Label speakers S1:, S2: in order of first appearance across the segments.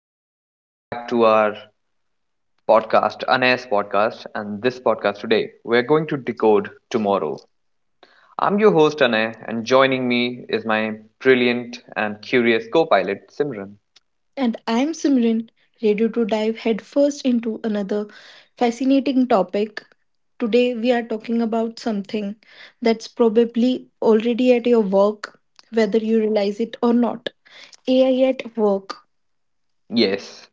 S1: welcome. Welcome back to our podcast, Anay's podcast. And this podcast today, we're going to decode tomorrow. I'm your host, Anay, and joining me is my brilliant and curious co pilot, Simran.
S2: And I'm Simran, ready to dive headfirst into another fascinating topic. Today, we are talking about something that's probably already at your work, whether you realize it or not. AI at work.
S1: Yes,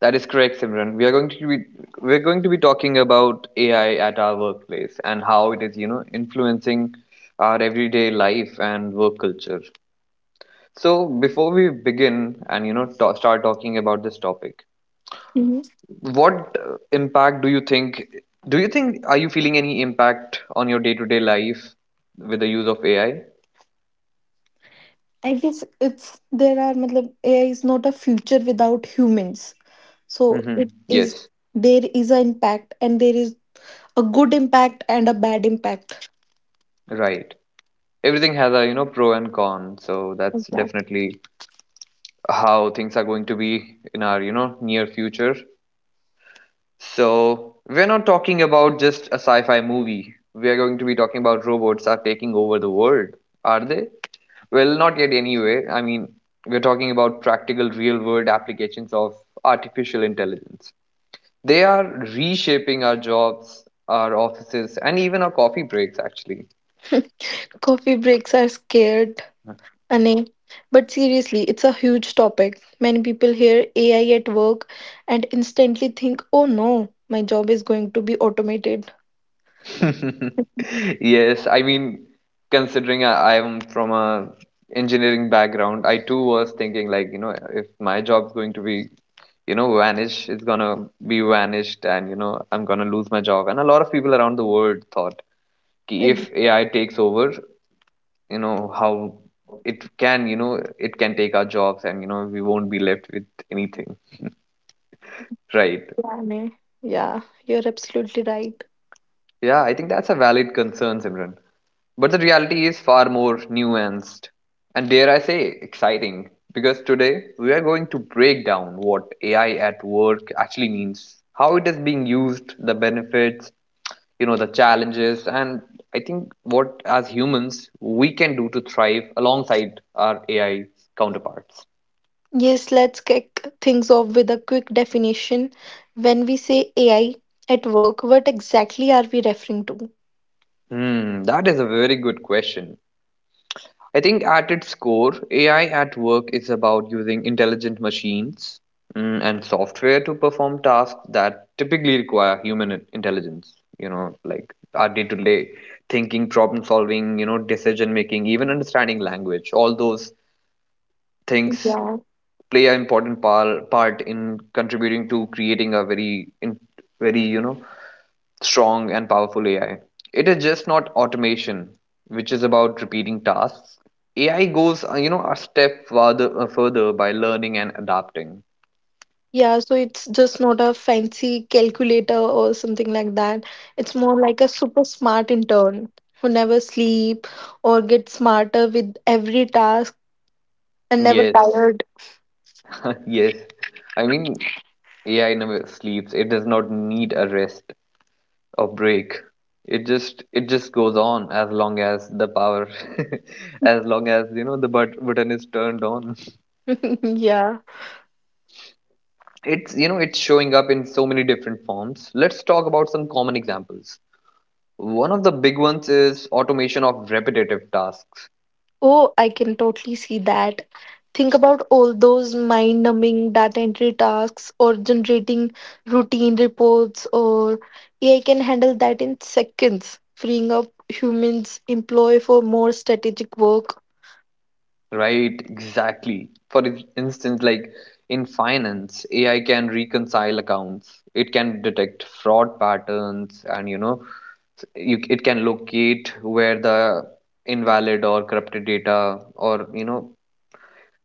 S1: that is correct, Simran. We are going to be we're going to be talking about AI at our workplace and how it is influencing our everyday life and work culture. So before we begin and you know ta start talking about this topic,
S2: Mhm.
S1: what impact do you think, are you feeling any impact on your day-to-day life with the use of ai?
S2: I guess it's there are matlab, AI is not a future without humans. So
S1: Mm-hmm.
S2: it is
S1: Yes.
S2: there is an impact and there is a good impact and a bad impact.
S1: Right. Everything has a pro and con, so that's
S2: Exactly.
S1: definitely how things are going to be in our near future. So, we're not talking about just a sci fi movie. We are going to be talking about robots are taking over the world. Are they? Well, not yet, anyway. I mean, we're talking about practical, real world applications of artificial intelligence. They are reshaping our jobs, our offices, and even our coffee breaks, actually.
S2: Coffee breaks are scared, Ane. But seriously, it's a huge topic. Many people hear AI at work and instantly think, oh no, my job is going to be automated.
S1: Yes, I mean, considering I'm from a engineering background, I too was thinking like, you know, if my job's going to be, you know, vanish, it's gonna be vanished and, you know, I'm gonna lose my job. And a lot of people around the world thought ki
S2: Ex-
S1: if AI takes over, you know, how it can, you know, it can take our jobs and, you know, we won't be left with anything. Right.
S2: Yeah, Ane. Yeah, you're absolutely right.
S1: Yeah, I think that's a valid concern, Simran. But the reality is far more nuanced and, dare I say, exciting. Because today we are going to break down what AI at work actually means, how it is being used, the benefits, you know, the challenges, and I think what as humans we can do to thrive alongside our AI counterparts.
S2: Yes, let's kick things off with a quick definition. When we say AI at work, what exactly are we referring to?
S1: Hmm, that is a very good question. I think at its core, AI at work is about using intelligent machines and software to perform tasks that typically require human intelligence, you know, like our day to day thinking, problem solving, you know, decision making, even understanding language. All those things
S2: Yeah.
S1: play an important part in contributing to creating a very, you know, strong and powerful AI. It is just not automation, which is about repeating tasks. AI goes, you know, a step farther, further by learning and adapting.
S2: Yeah, so it's just not a fancy calculator or something like that. It's more like a super smart intern who never sleep or gets smarter with every task and never
S1: Yes,
S2: tired.
S1: yes. I mean, AI never sleeps. It does not need a rest or break. It just goes on as long as the power, as long as you know the button is turned on.
S2: Yeah.
S1: It's, you know, it's showing up in so many different forms. Let's talk about some common examples. One of the big ones is automation of repetitive tasks,
S2: Oh, I can totally see that. Think about all those mind numbing data entry tasks or generating routine reports, or AI can handle that in seconds, freeing up humans' employ for more strategic work.
S1: right? Exactly. For instance, like in finance, AI can reconcile accounts, it can detect fraud patterns, and you know, it can locate where the invalid or corrupted data, or you know,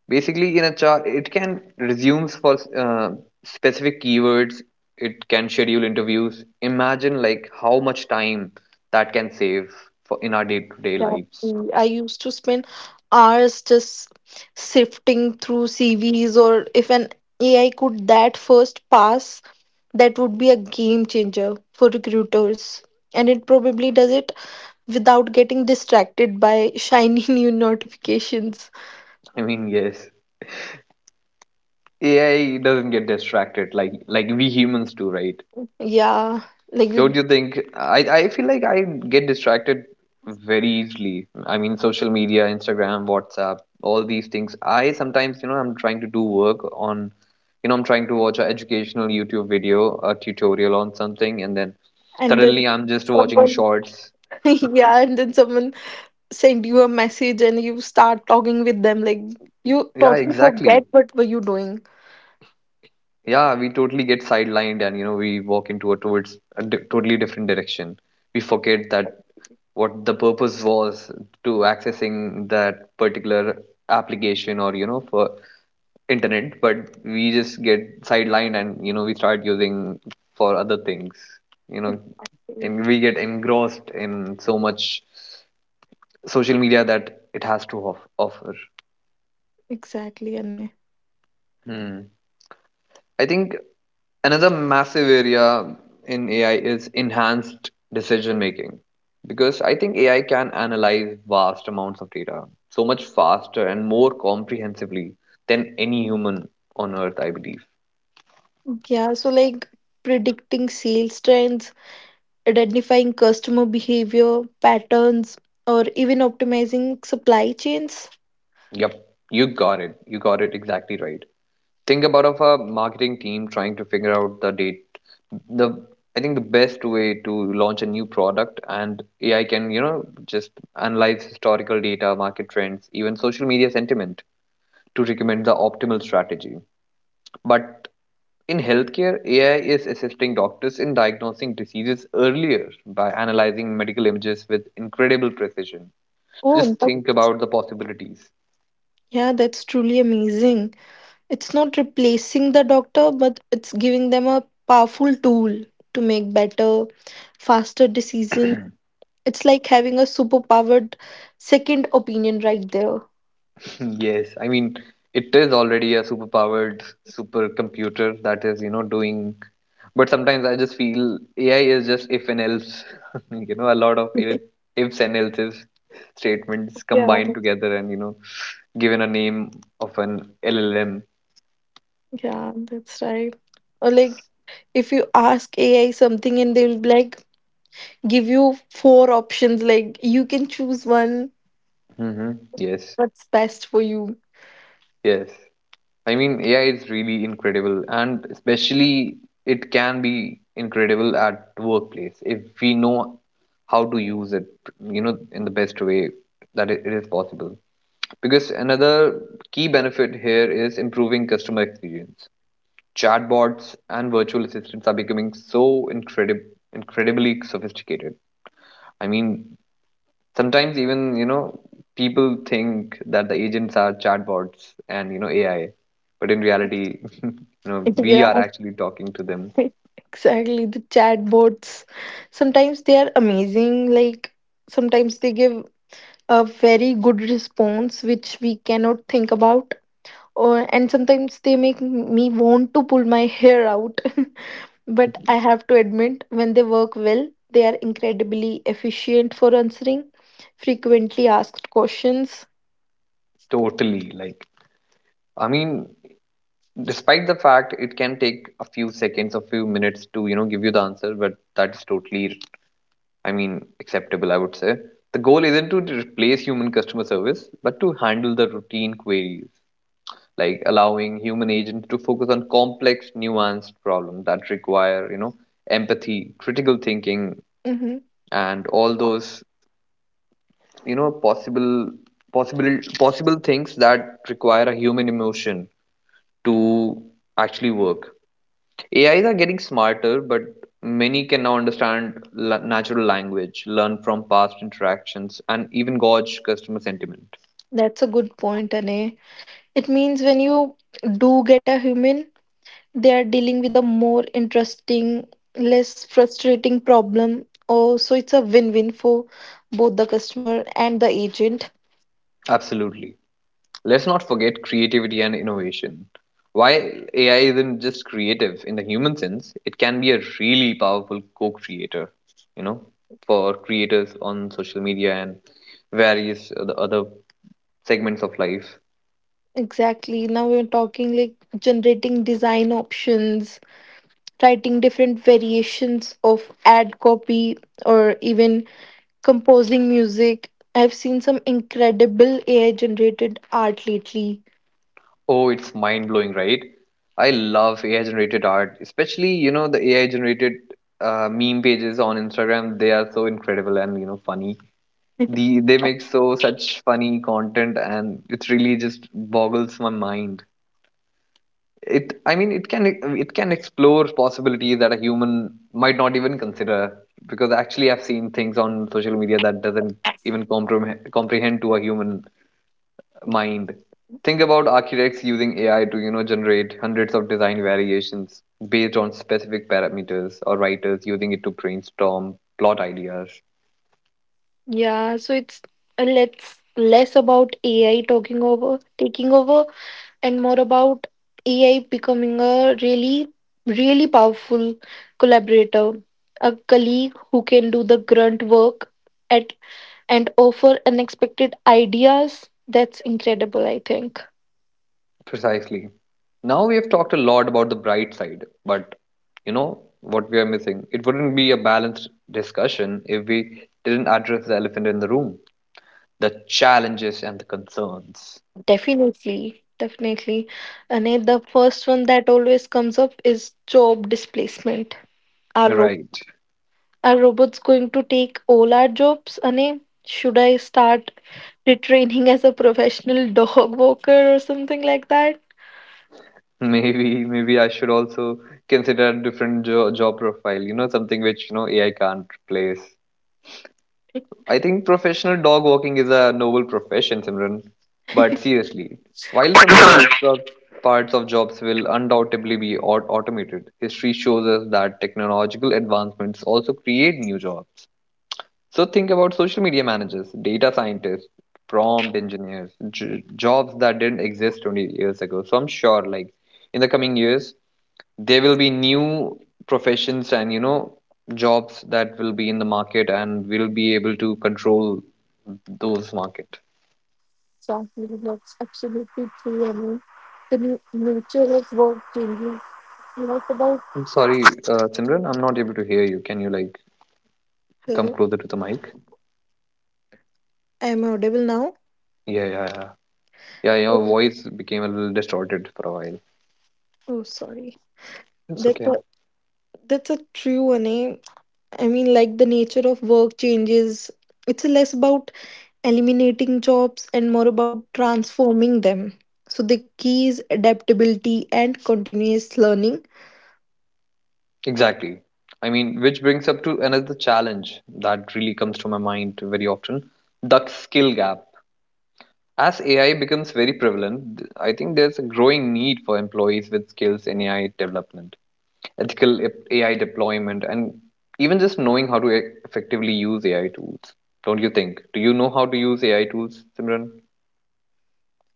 S1: basically in a chart it can resumes for specific keywords. It can schedule interviews. Imagine like how much time that can save for in our day-to-day lives.
S2: Exactly. I used to spend hours just sifting through CVs, or if an AI could that first pass, that would be a game changer for recruiters. And it probably does it without getting distracted by shiny new notifications.
S1: I mean, yes, ai doesn't get distracted like we humans do, right?
S2: Yeah, like
S1: Don't
S2: we-
S1: you think? I feel like I get distracted very easily. I mean, social media, Instagram, WhatsApp, all these things. I sometimes, you know, I'm trying to do work on, you know, I'm trying to watch an educational YouTube video, a tutorial on something, and then
S2: and then
S1: suddenly I'm just watching
S2: someone,
S1: shorts.
S2: yeah, and then someone send you a message and you start talking with them. Like you
S1: Yeah,
S2: totally forget
S1: exactly.
S2: what were you doing.
S1: Yeah, we totally get sidelined, and you know, we walk into a towards a totally different direction. We forget that what the purpose was to accessing that particular application, or you know, for internet. But we just get sidelined, and you know, we start using for other things, you know.
S2: Exactly.
S1: And we get engrossed in so much social media that it has to offer.
S2: Exactly, Anay.
S1: Hmm. I think another massive area in AI is enhanced decision making, because I think AI can analyze vast amounts of data so much faster and more comprehensively than any human on earth, I believe.
S2: Yeah, so like predicting sales trends, identifying customer behavior patterns, or even optimizing supply chains.
S1: Yep, you got it. You got it exactly right. Think about of a marketing team trying to figure out the date, the, I think, the best way to launch a new product. And ai can, you know, just analyze historical data, market trends, even social media sentiment to recommend the optimal strategy. But in healthcare, ai is assisting doctors in diagnosing diseases earlier by analyzing medical images with incredible precision.
S2: Oh,
S1: Just think about the possibilities.
S2: yeah, that's truly amazing. It's not replacing the doctor, but it's giving them a powerful tool to make better, faster decisions. It's like having a superpowered second opinion right there.
S1: Yes, I mean, it is already a superpowered supercomputer that is, you know, doing. But sometimes I just feel AI is just if and else, you know, a lot of if, ifs and else's statements
S2: Yeah,
S1: combined together and, you know, given a name of an LLM.
S2: yeah, that's right. Or like if you ask AI something and they'll be like give you four options, like you can choose one,
S1: Mm-hmm. Yes,
S2: what's best for you.
S1: yes. I mean, AI is really incredible, and especially it can be incredible at workplace if we know how to use it, you know, in the best way that it is possible. Because another key benefit here is improving customer experience. Chatbots and virtual assistants are becoming so incredibly sophisticated. I mean, sometimes even, you know, people think that the agents are chatbots and, you know, AI. But in reality, you know, we
S2: Yeah.
S1: are actually talking to them
S2: Exactly, the chatbots. Sometimes they are amazing, like sometimes they give a very good response which we cannot think about. Or and sometimes they make me want to pull my hair out. But I have to admit, when they work well, they are incredibly efficient for answering frequently asked questions.
S1: totally. Like, I mean, despite the fact it can take a few seconds, a few minutes to, you know, give you the answer, but that's totally, I mean, acceptable, I would say. The goal isn't to replace human customer service, but to handle the routine queries, like allowing human agents to focus on complex, nuanced problems that require, you know, empathy, critical thinking,
S2: Hmm.
S1: and all those, you know, possible things that require a human emotion to actually work. AIs are getting smarter, but many can now understand natural language, learn from past interactions, and even gauge customer sentiment.
S2: That's a good point, Ane. It means when you do get a human, they are dealing with a more interesting, less frustrating problem. Oh, so it's a win-win for both the customer and the agent.
S1: Absolutely. Let's not forget creativity and innovation. While AI isn't just creative in the human sense, it can be a really powerful co-creator, you know, for creators on social media and various other segments of life.
S2: Exactly, now we're talking, like generating design options, writing different variations of ad copy, or even composing music. I've seen some incredible AI generated art lately.
S1: Oh, it's mind-blowing, right? I love AI-generated art, especially, you know, the AI-generated meme pages on Instagram. They are so incredible and, you know, funny. They make so such funny content and it really just boggles my mind. It, I mean, it can explore possibilities that a human might not even consider, because actually I've seen things on social media that doesn't even comprehend to a human mind. Think about architects using ai to, you know, generate hundreds of design variations based on specific parameters, or writers using it to brainstorm plot ideas.
S2: Yeah, so it's let's less about AI talking over taking over and more about AI becoming a really, really powerful collaborator, a colleague who can do the grunt work at, and offer unexpected ideas. That's incredible, I think.
S1: Precisely. Now we have talked a lot about the bright side, but you know what we are missing? It wouldn't be a balanced discussion if we didn't address the elephant in the room, the challenges and the concerns.
S2: Definitely, definitely. And the first one that always comes up is job displacement. Are, ro-
S1: Right.
S2: are robots going to take all our jobs? Ane, should I start retraining as a professional dog walker or something like that?
S1: Maybe I should also consider a different job profile, you know, something which, you know, AI can't replace. I think professional dog walking is a noble profession, Simran. But seriously, while some jobs or parts of jobs will undoubtedly be automated, history shows us that technological advancements also create new jobs. So think about social media managers, data scientists, prompt engineers, jobs that didn't exist 20 years ago. So I'm sure, like, in the coming years, there will be new professions and you know jobs that will be in the market and we'll be able to control those market.
S2: Exactly, that's absolutely true. I mean, the nature of work changes. Not about.
S1: I'm sorry, simran, I'm not able to hear you. Can you like come
S2: Hello,
S1: closer to the mic?
S2: am I audible now?
S1: Yeah, yeah, yeah. Yeah, your
S2: oh,
S1: voice became a little distorted for a while.
S2: Oh, sorry.
S1: It's
S2: That's
S1: okay.
S2: a, that's a true one. Eh? I mean, like the nature of work changes. It's less about eliminating jobs and more about transforming them. So the key is adaptability and continuous learning.
S1: Exactly. I mean, which brings up to another challenge that really comes to my mind very often, the skill gap. As AI becomes very prevalent, I think there's a growing need for employees with skills in AI development, ethical AI deployment, and even just knowing how to effectively use AI tools. Don't you think? Do you know how to use AI tools, Simran?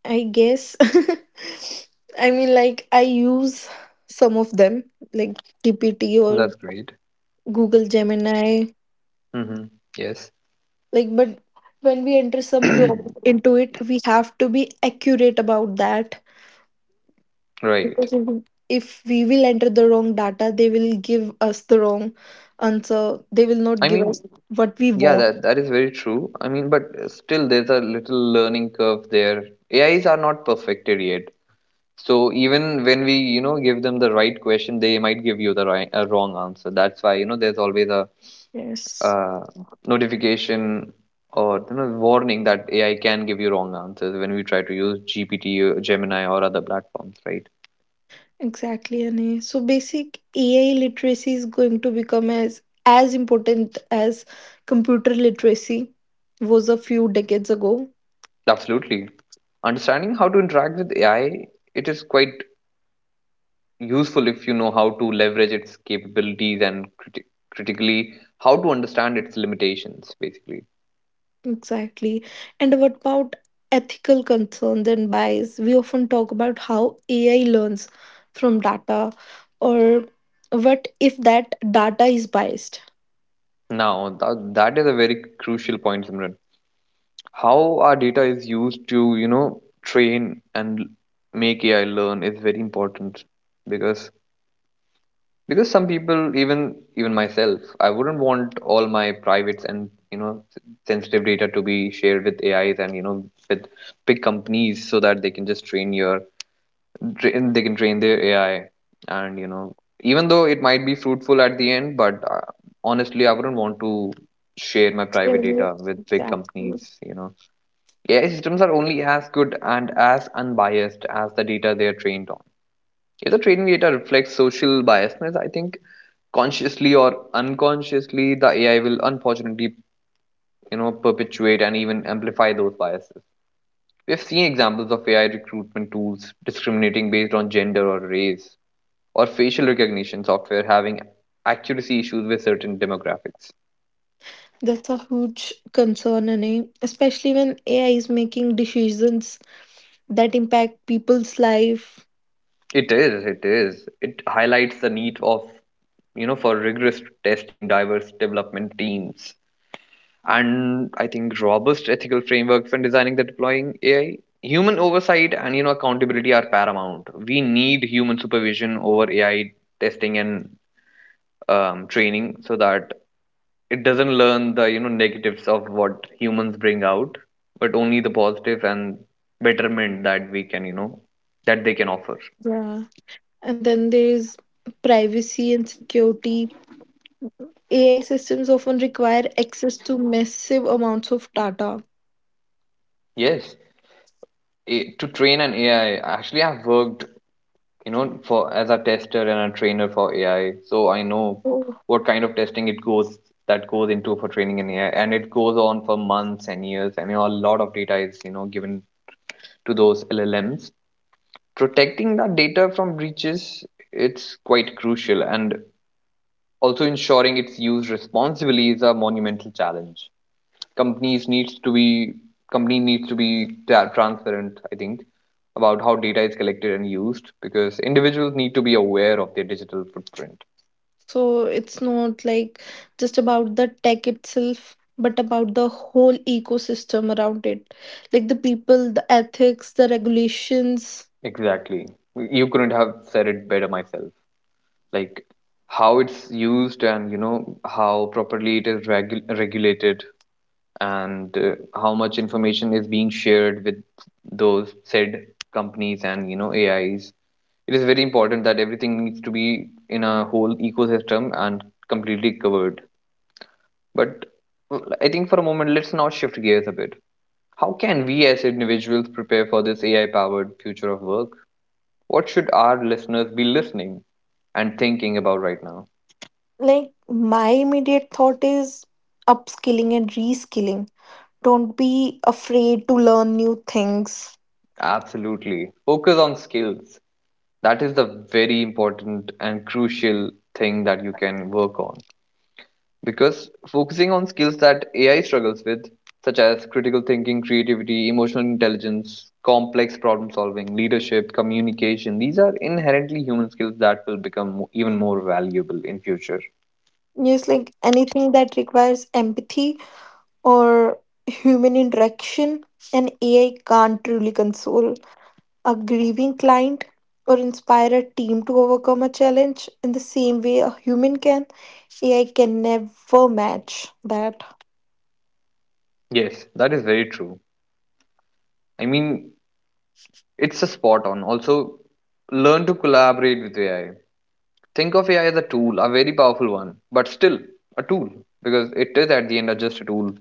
S2: I guess. I mean, like I use some of them, like GPT or
S1: That's great.
S2: Google Gemini.
S1: Mm-hmm. Yes.
S2: Like, but when we enter some prompt into it, we have to be accurate about that.
S1: Right.
S2: Because if we will enter the wrong data, they will give us the wrong answer. They will not
S1: I
S2: give
S1: mean,
S2: us what we
S1: yeah,
S2: want.
S1: that is very true. I mean, but still, there's a little learning curve there. AIs are not perfected yet. So even when we, you know, give them the right question, they might give you the right, wrong answer. That's why, you know, there's always a
S2: Yes,
S1: uh, notification or you know warning that AI can give you wrong answers when we try to use GPT, or Gemini, or other platforms, right?
S2: exactly, Ane. So basic AI literacy is going to become as important as computer literacy was a few decades ago.
S1: Absolutely. Understanding how to interact with AI, it is quite useful if you know how to leverage its capabilities and critically how to understand its limitations, basically.
S2: Exactly. And what about ethical concerns and bias? We often talk about how AI learns from data, or what if that data is biased?
S1: Now, that is a very crucial point, Simran. How our data is used to, you know, train and make AI learn is very important because some people, even myself, I wouldn't want all my privates and, you know, sensitive data to be shared with AIs and, you know, with big companies, so that they can just they can train their AI. And, you know, even though it might be fruitful at the end, but honestly I wouldn't want to share my private
S2: Mhm.
S1: data with big
S2: Exactly.
S1: companies, AI systems are only as good and as unbiased as the data they are trained on. If the training data reflects social biasness, I think consciously or unconsciously, the AI will, unfortunately, you know, perpetuate and even amplify those biases. We have seen examples of AI recruitment tools discriminating based on gender or race, or facial recognition software having accuracy issues with certain demographics.
S2: That's a huge concern, Anay, especially when AI is making decisions that impact people's life.
S1: It is. It highlights the need of, you know, for rigorous testing, diverse development teams, and I think robust ethical frameworks when designing the deploying AI. Human oversight and, you know, accountability are paramount. We need human supervision over AI testing and training so that it doesn't learn the, you know, negatives of what humans bring out, but only the positive and betterment that we can, you know, that they can offer.
S2: Yeah. And then there's privacy and security. AI systems often require access to massive amounts of data.
S1: Yes, to train an AI, actually, I've worked, you know, for as a tester and a trainer for AI, so I know what kind of testing it goes that goes into for training an AI, and it goes on for months and years, and, you know, a lot of data is, you know, given to those LLMs. Protecting the data from breaches, it's quite crucial, and also ensuring it's used responsibly is a monumental challenge. Companies needs to be company needs to be transparent, I think, about how data is collected and used, because individuals need to be aware of their digital footprint.
S2: So it's not like just about the tech itself, but about the whole ecosystem around it. Like the people, the ethics, the regulations.
S1: Exactly, you couldn't have said it better myself. Like, how it's used and, you know, how properly it is regulated, and how much information is being shared with those said companies and, you know, AIs. It is very important that everything needs to be in a whole ecosystem and completely covered. But I think for a moment, let's now shift gears a bit. How can we as individuals prepare for this AI powered future of work? What should our listeners be listening and thinking about right now?
S2: Like my immediate thought is upskilling and reskilling. Don't be afraid to learn new things.
S1: Absolutely. Focus on skills. That is the very important and crucial thing that you can work on. Because focusing on skills that AI struggles with, such as critical thinking, creativity, emotional intelligence, complex problem solving, leadership, communication, these are inherently human skills that will become even more valuable in future.
S2: Yes, like anything that requires empathy or human interaction, and AI can't truly console a grieving client, or inspire a team to overcome a challenge in the same way a human can. AI can never match that.
S1: Yes, that is very true. I mean, it's a spot on. Also, learn to collaborate with AI. Think of AI as a tool, a very powerful one, but still a tool, because it is at the end just a tool.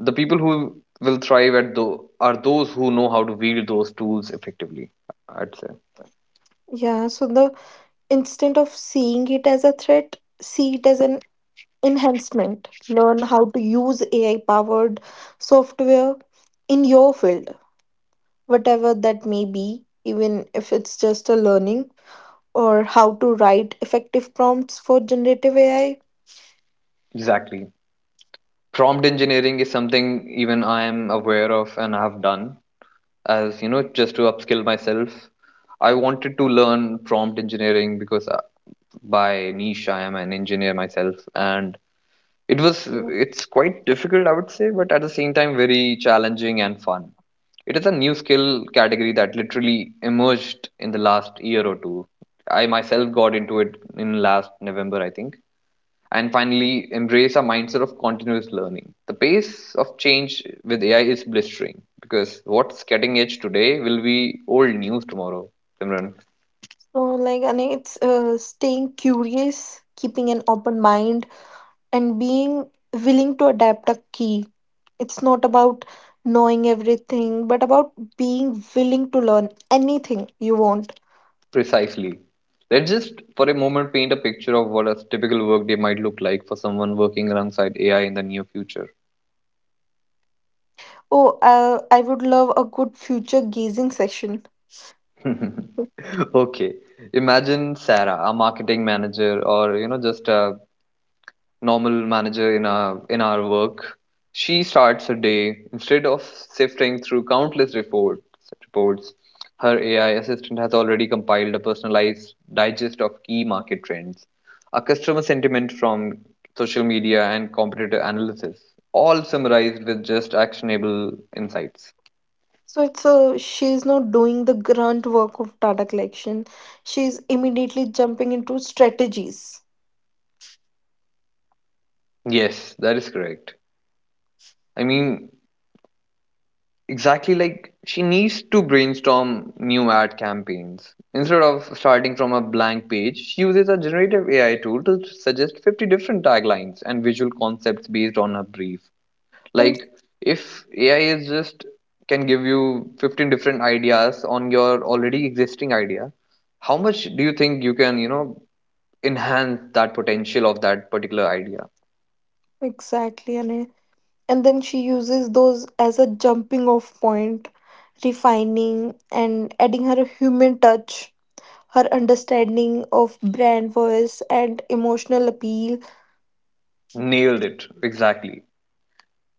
S1: The people who will thrive at though are those who know how to wield those tools effectively. I'd say
S2: Yeah, so the instead of seeing it as a threat, see it as an enhancement. Learn how to use AI powered software in your field, whatever that may be, even if it's just a learning, or how to write effective prompts for generative AI.
S1: exactly. Prompt engineering is something even I am aware of and I have done, as you know, just to upskill myself. I wanted to learn prompt engineering because by niche I am an engineer myself. And it's quite difficult, I would say, but at the same time very challenging and fun. It is a new skill category that literally emerged in the last year or two. I myself got into it in last November, I think. And finally, embrace a mindset of continuous learning. The pace of change with AI is blistering, because what's cutting edge today will be old news tomorrow, Simran.
S2: So, like, and it's staying curious, keeping an open mind, and being willing to adapt a key. It's not about knowing everything, but about being willing to learn anything you want.
S1: Precisely. Let's just for a moment paint a picture of what a typical workday might look like for someone working alongside AI in the near future.
S2: Oh, I would love a good future gazing session.
S1: Okay. Imagine Sarah, a marketing manager, or, you know, just a normal manager in our work. She starts her day instead of sifting through countless reports. Her AI assistant has already compiled a personalized digest of key market trends, a customer sentiment from social media, and competitor analysis, all summarized with just actionable insights.
S2: So it's a she's not doing the grunt work of data collection. She's immediately jumping into strategies.
S1: Yes, that is correct. I mean, exactly, like she needs to brainstorm new ad campaigns. Instead of starting from a blank page, she uses a generative AI tool to suggest 50 different taglines and visual concepts based on her brief.
S2: And-
S1: Like, if AI is just can give you 15 different ideas on your already existing idea, how much do you think you can, you know, enhance that potential of that particular idea?
S2: Exactly, and then she uses those as a jumping off point, refining and adding her human touch, her understanding of brand voice and emotional appeal.
S1: Nailed it, exactly.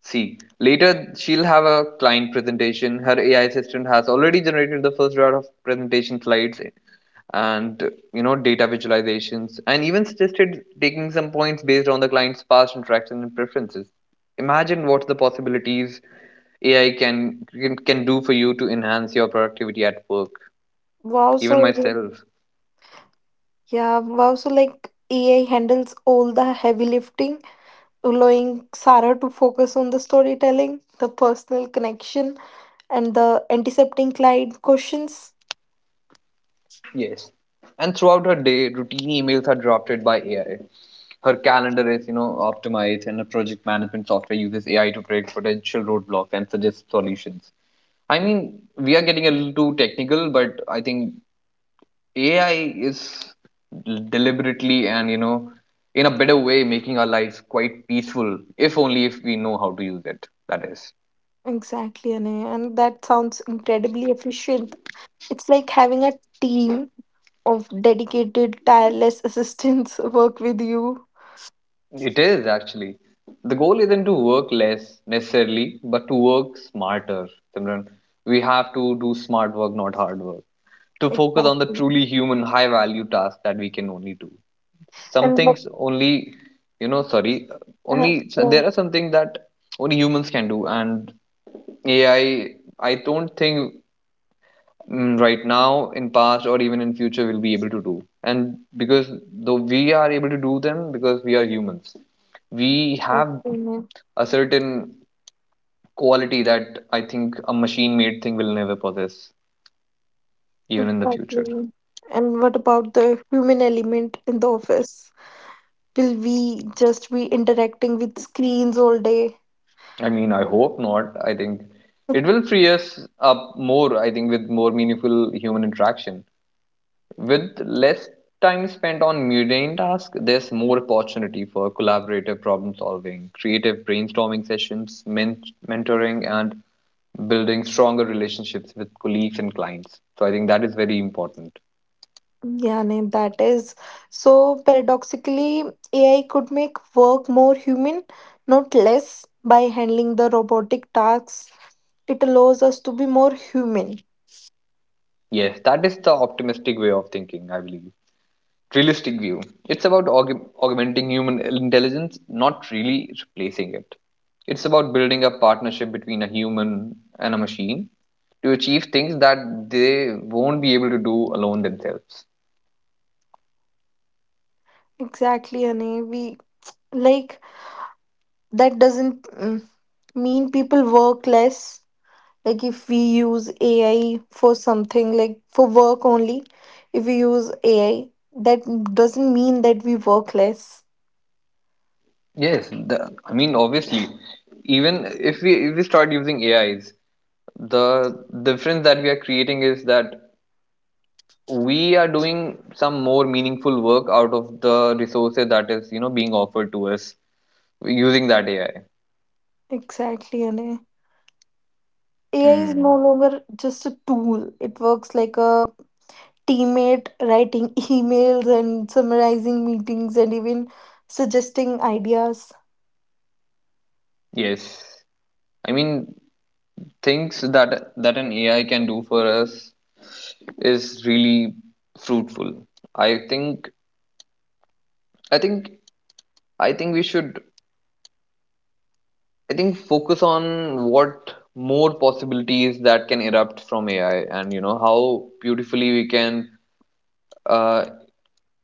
S1: See, later she'll have a client presentation. Her AI assistant has already generated the first round of presentation slides and, you know, data visualizations, and even suggested taking some points based on the client's past interactions and preferences. Imagine what the possibilities AI can do for you to enhance your productivity at work.
S2: Wow,
S1: Even
S2: so
S1: myself.
S2: yeah, wow, so like AI handles all the heavy lifting, allowing Sarah to focus on the storytelling, the personal connection, and the intercepting client questions.
S1: Yes. And throughout her day, routine emails are drafted by AI. Her calendar is, you know, optimized, and her project management software uses AI to predict potential roadblocks and suggest solutions. I mean, we are getting a little too technical, but I think AI is deliberately and, you know, in a better way, making our lives quite peaceful, if only if we know how to use it. That is.
S2: Exactly, Anay, and that sounds incredibly efficient. It's like having a team of dedicated, tireless assistants work with you.
S1: It is actually. The goal isn't to work less necessarily, but to work smarter, Simran. We have to do smart work, not hard work. To focus on the
S2: Exactly.
S1: truly human, high value tasks that we can only do. Some
S2: And what?
S1: things only, you know, sorry,
S2: Uh,
S1: only
S2: yeah,
S1: there are some things that only humans can do, and AI, I don't think right now in past or even in future we'll be able to do. And because, though we are able to do them because we are humans, we
S2: that's
S1: have
S2: the name.
S1: a certain quality that I think a machine made thing will never possess, even in the future.
S2: Exactly. And what about the human element in the office? Will we just be interacting with screens all day?
S1: I mean, I hope not. I think it will free us up more, I think, with more meaningful human interaction. With less time spent on mundane tasks, there's more opportunity for collaborative problem solving, creative brainstorming sessions, mentoring, and building stronger relationships with colleagues and clients. So I think that is very important.
S2: Yeah, no, that is. So paradoxically, AI could make work more human, not less, by handling the robotic tasks. It allows us to be more human.
S1: Yes, that is the optimistic way of thinking, I believe. Realistic view. It's about augmenting human intelligence, not really replacing it. It's about building a partnership between a human and a machine to achieve things that they won't be able to do alone themselves.
S2: Exactly, Ane. We like that doesn't mean people work less. Like if we use AI for something, like for work only, if we use AI, that doesn't mean that we work less.
S1: Yes, the, I mean obviously, even if we start using AIs, the difference that we are creating is that we are doing some more meaningful work out of the resources that is, you know, being offered to us using that AI.
S2: Exactly, Ane. AI is no
S1: Hmm.
S2: longer just a tool. It works like a teammate writing emails and summarizing meetings and even suggesting ideas.
S1: Yes. I mean, things that an AI can do for us is really fruitful. I think I think I think we should I think focus on what more possibilities that can erupt from AI and, you know, how beautifully we can uh,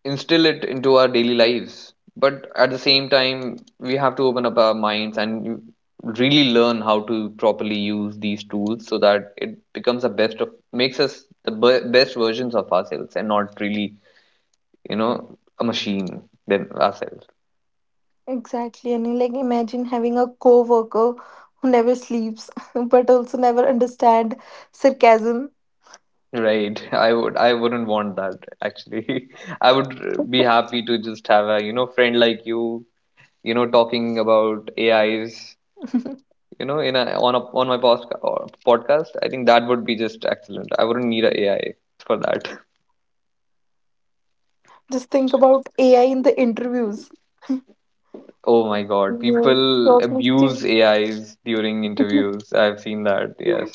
S1: instill it into our daily lives. But at the same time, we have to open up our minds and really learn how to properly use these tools, so that it becomes the best of makes us the best versions of ourselves and not really, you know, a machine than ourselves.
S2: Exactly. And like imagine having a co-worker who never sleeps but also never understand sarcasm.
S1: Right. I wouldn't want that actually. I would be happy to just have, a you know, friend like you know, talking about AIs, you know, in a on my post, podcast. I think that would be just excellent. I wouldn't need a AI for that.
S2: Just think about AI in the interviews.
S1: Oh my God,
S2: Yeah,
S1: people
S2: short
S1: abuse
S2: listings.
S1: AIs during interviews. I've seen that. Yes.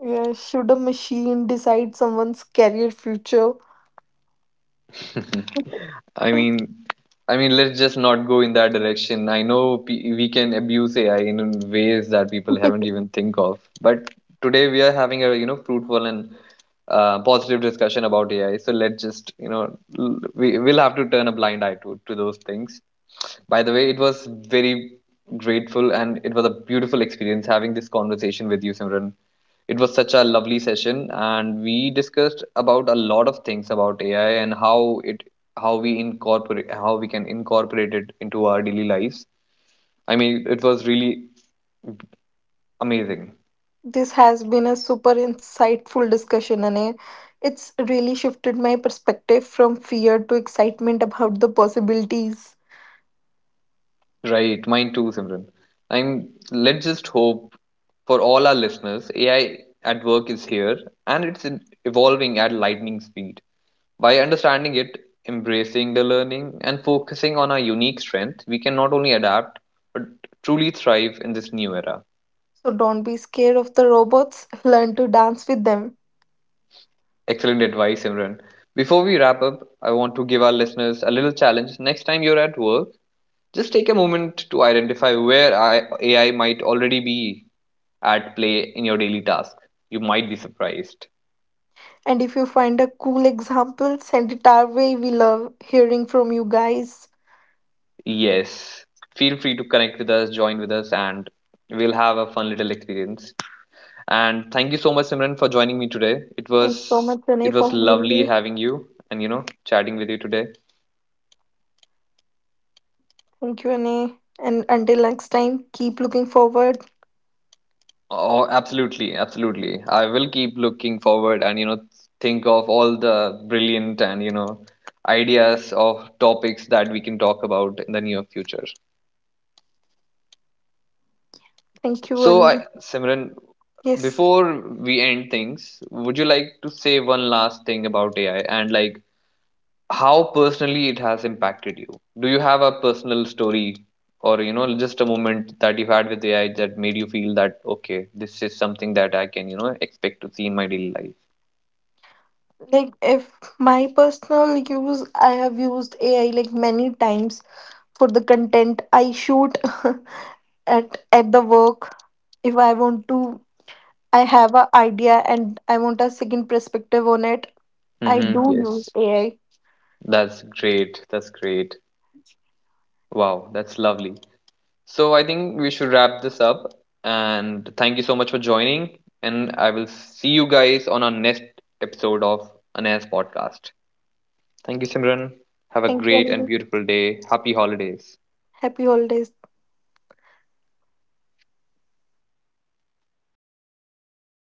S2: Yeah, should a machine decide someone's career future?
S1: I mean, let's just not go in that direction. I know we can abuse AI in ways that people haven't even think of, but today we are having a, you know, fruitful and positive discussion about AI. So let's just, you know, we will have to turn a blind eye to those things. By the way, it was very grateful and it was a beautiful experience having this conversation with you, Simran. It was such a lovely session, and we discussed about a lot of things about AI and how it how we can incorporate it into our daily lives. I mean, it was really amazing.
S2: This has been a super insightful discussion, and it's really shifted my perspective from fear to excitement about the possibilities.
S1: Right, mine too, Simran. I'm let's just hope for all our listeners, AI at work is here and it's evolving at lightning speed. By understanding it, embracing the learning, and focusing on our unique strength, we can not only adapt but truly thrive in this new era.
S2: So don't be scared of the robots, learn to dance with them.
S1: Excellent advice, Imran. Before we wrap up, I want to give our listeners a little challenge. Next time you're at work, just take a moment to identify where AI might already be at play in your daily task. You might be surprised.
S2: And if you find a cool example, send it our way. We love hearing from you guys.
S1: Yes. Feel free to connect with us, join with us, and we'll have a fun little experience. And thank you so much, Simran, for joining me today. It
S2: Thanks so
S1: was
S2: much,
S1: it
S2: Anay, for
S1: was
S2: having
S1: lovely
S2: me.
S1: having you, and, you know, chatting with you today.
S2: Thank you, Anay. And until next time, keep looking forward.
S1: Oh, absolutely, absolutely. I will keep looking forward and, you know, think of all the brilliant and, you know, ideas of topics that we can talk about in the near future.
S2: Thank you,
S1: So, I,
S2: Anay.
S1: Simran,
S2: Yes.
S1: before we end things, would you like to say one last thing about AI and, like, how personally it has impacted you. Do you have a personal story or, you know, just a moment that you had with AI that made you feel that, okay, this is something that I can, you know, expect to see in my daily life?
S2: Like if my personal use, I have used AI like many times for the content I shoot at the work. If I want to I have a idea and I want a second perspective on it. I
S1: Mm-hmm,
S2: do use
S1: yes,
S2: AI.
S1: that's great. That's great. Wow, that's lovely. So I think we should wrap this up, and thank you so much for joining, and I will see you guys on our next episode of Anais podcast. Thank you, Simran. Have a
S2: Thank you,
S1: great and
S2: and
S1: beautiful day. Happy holidays.
S2: happy holidays.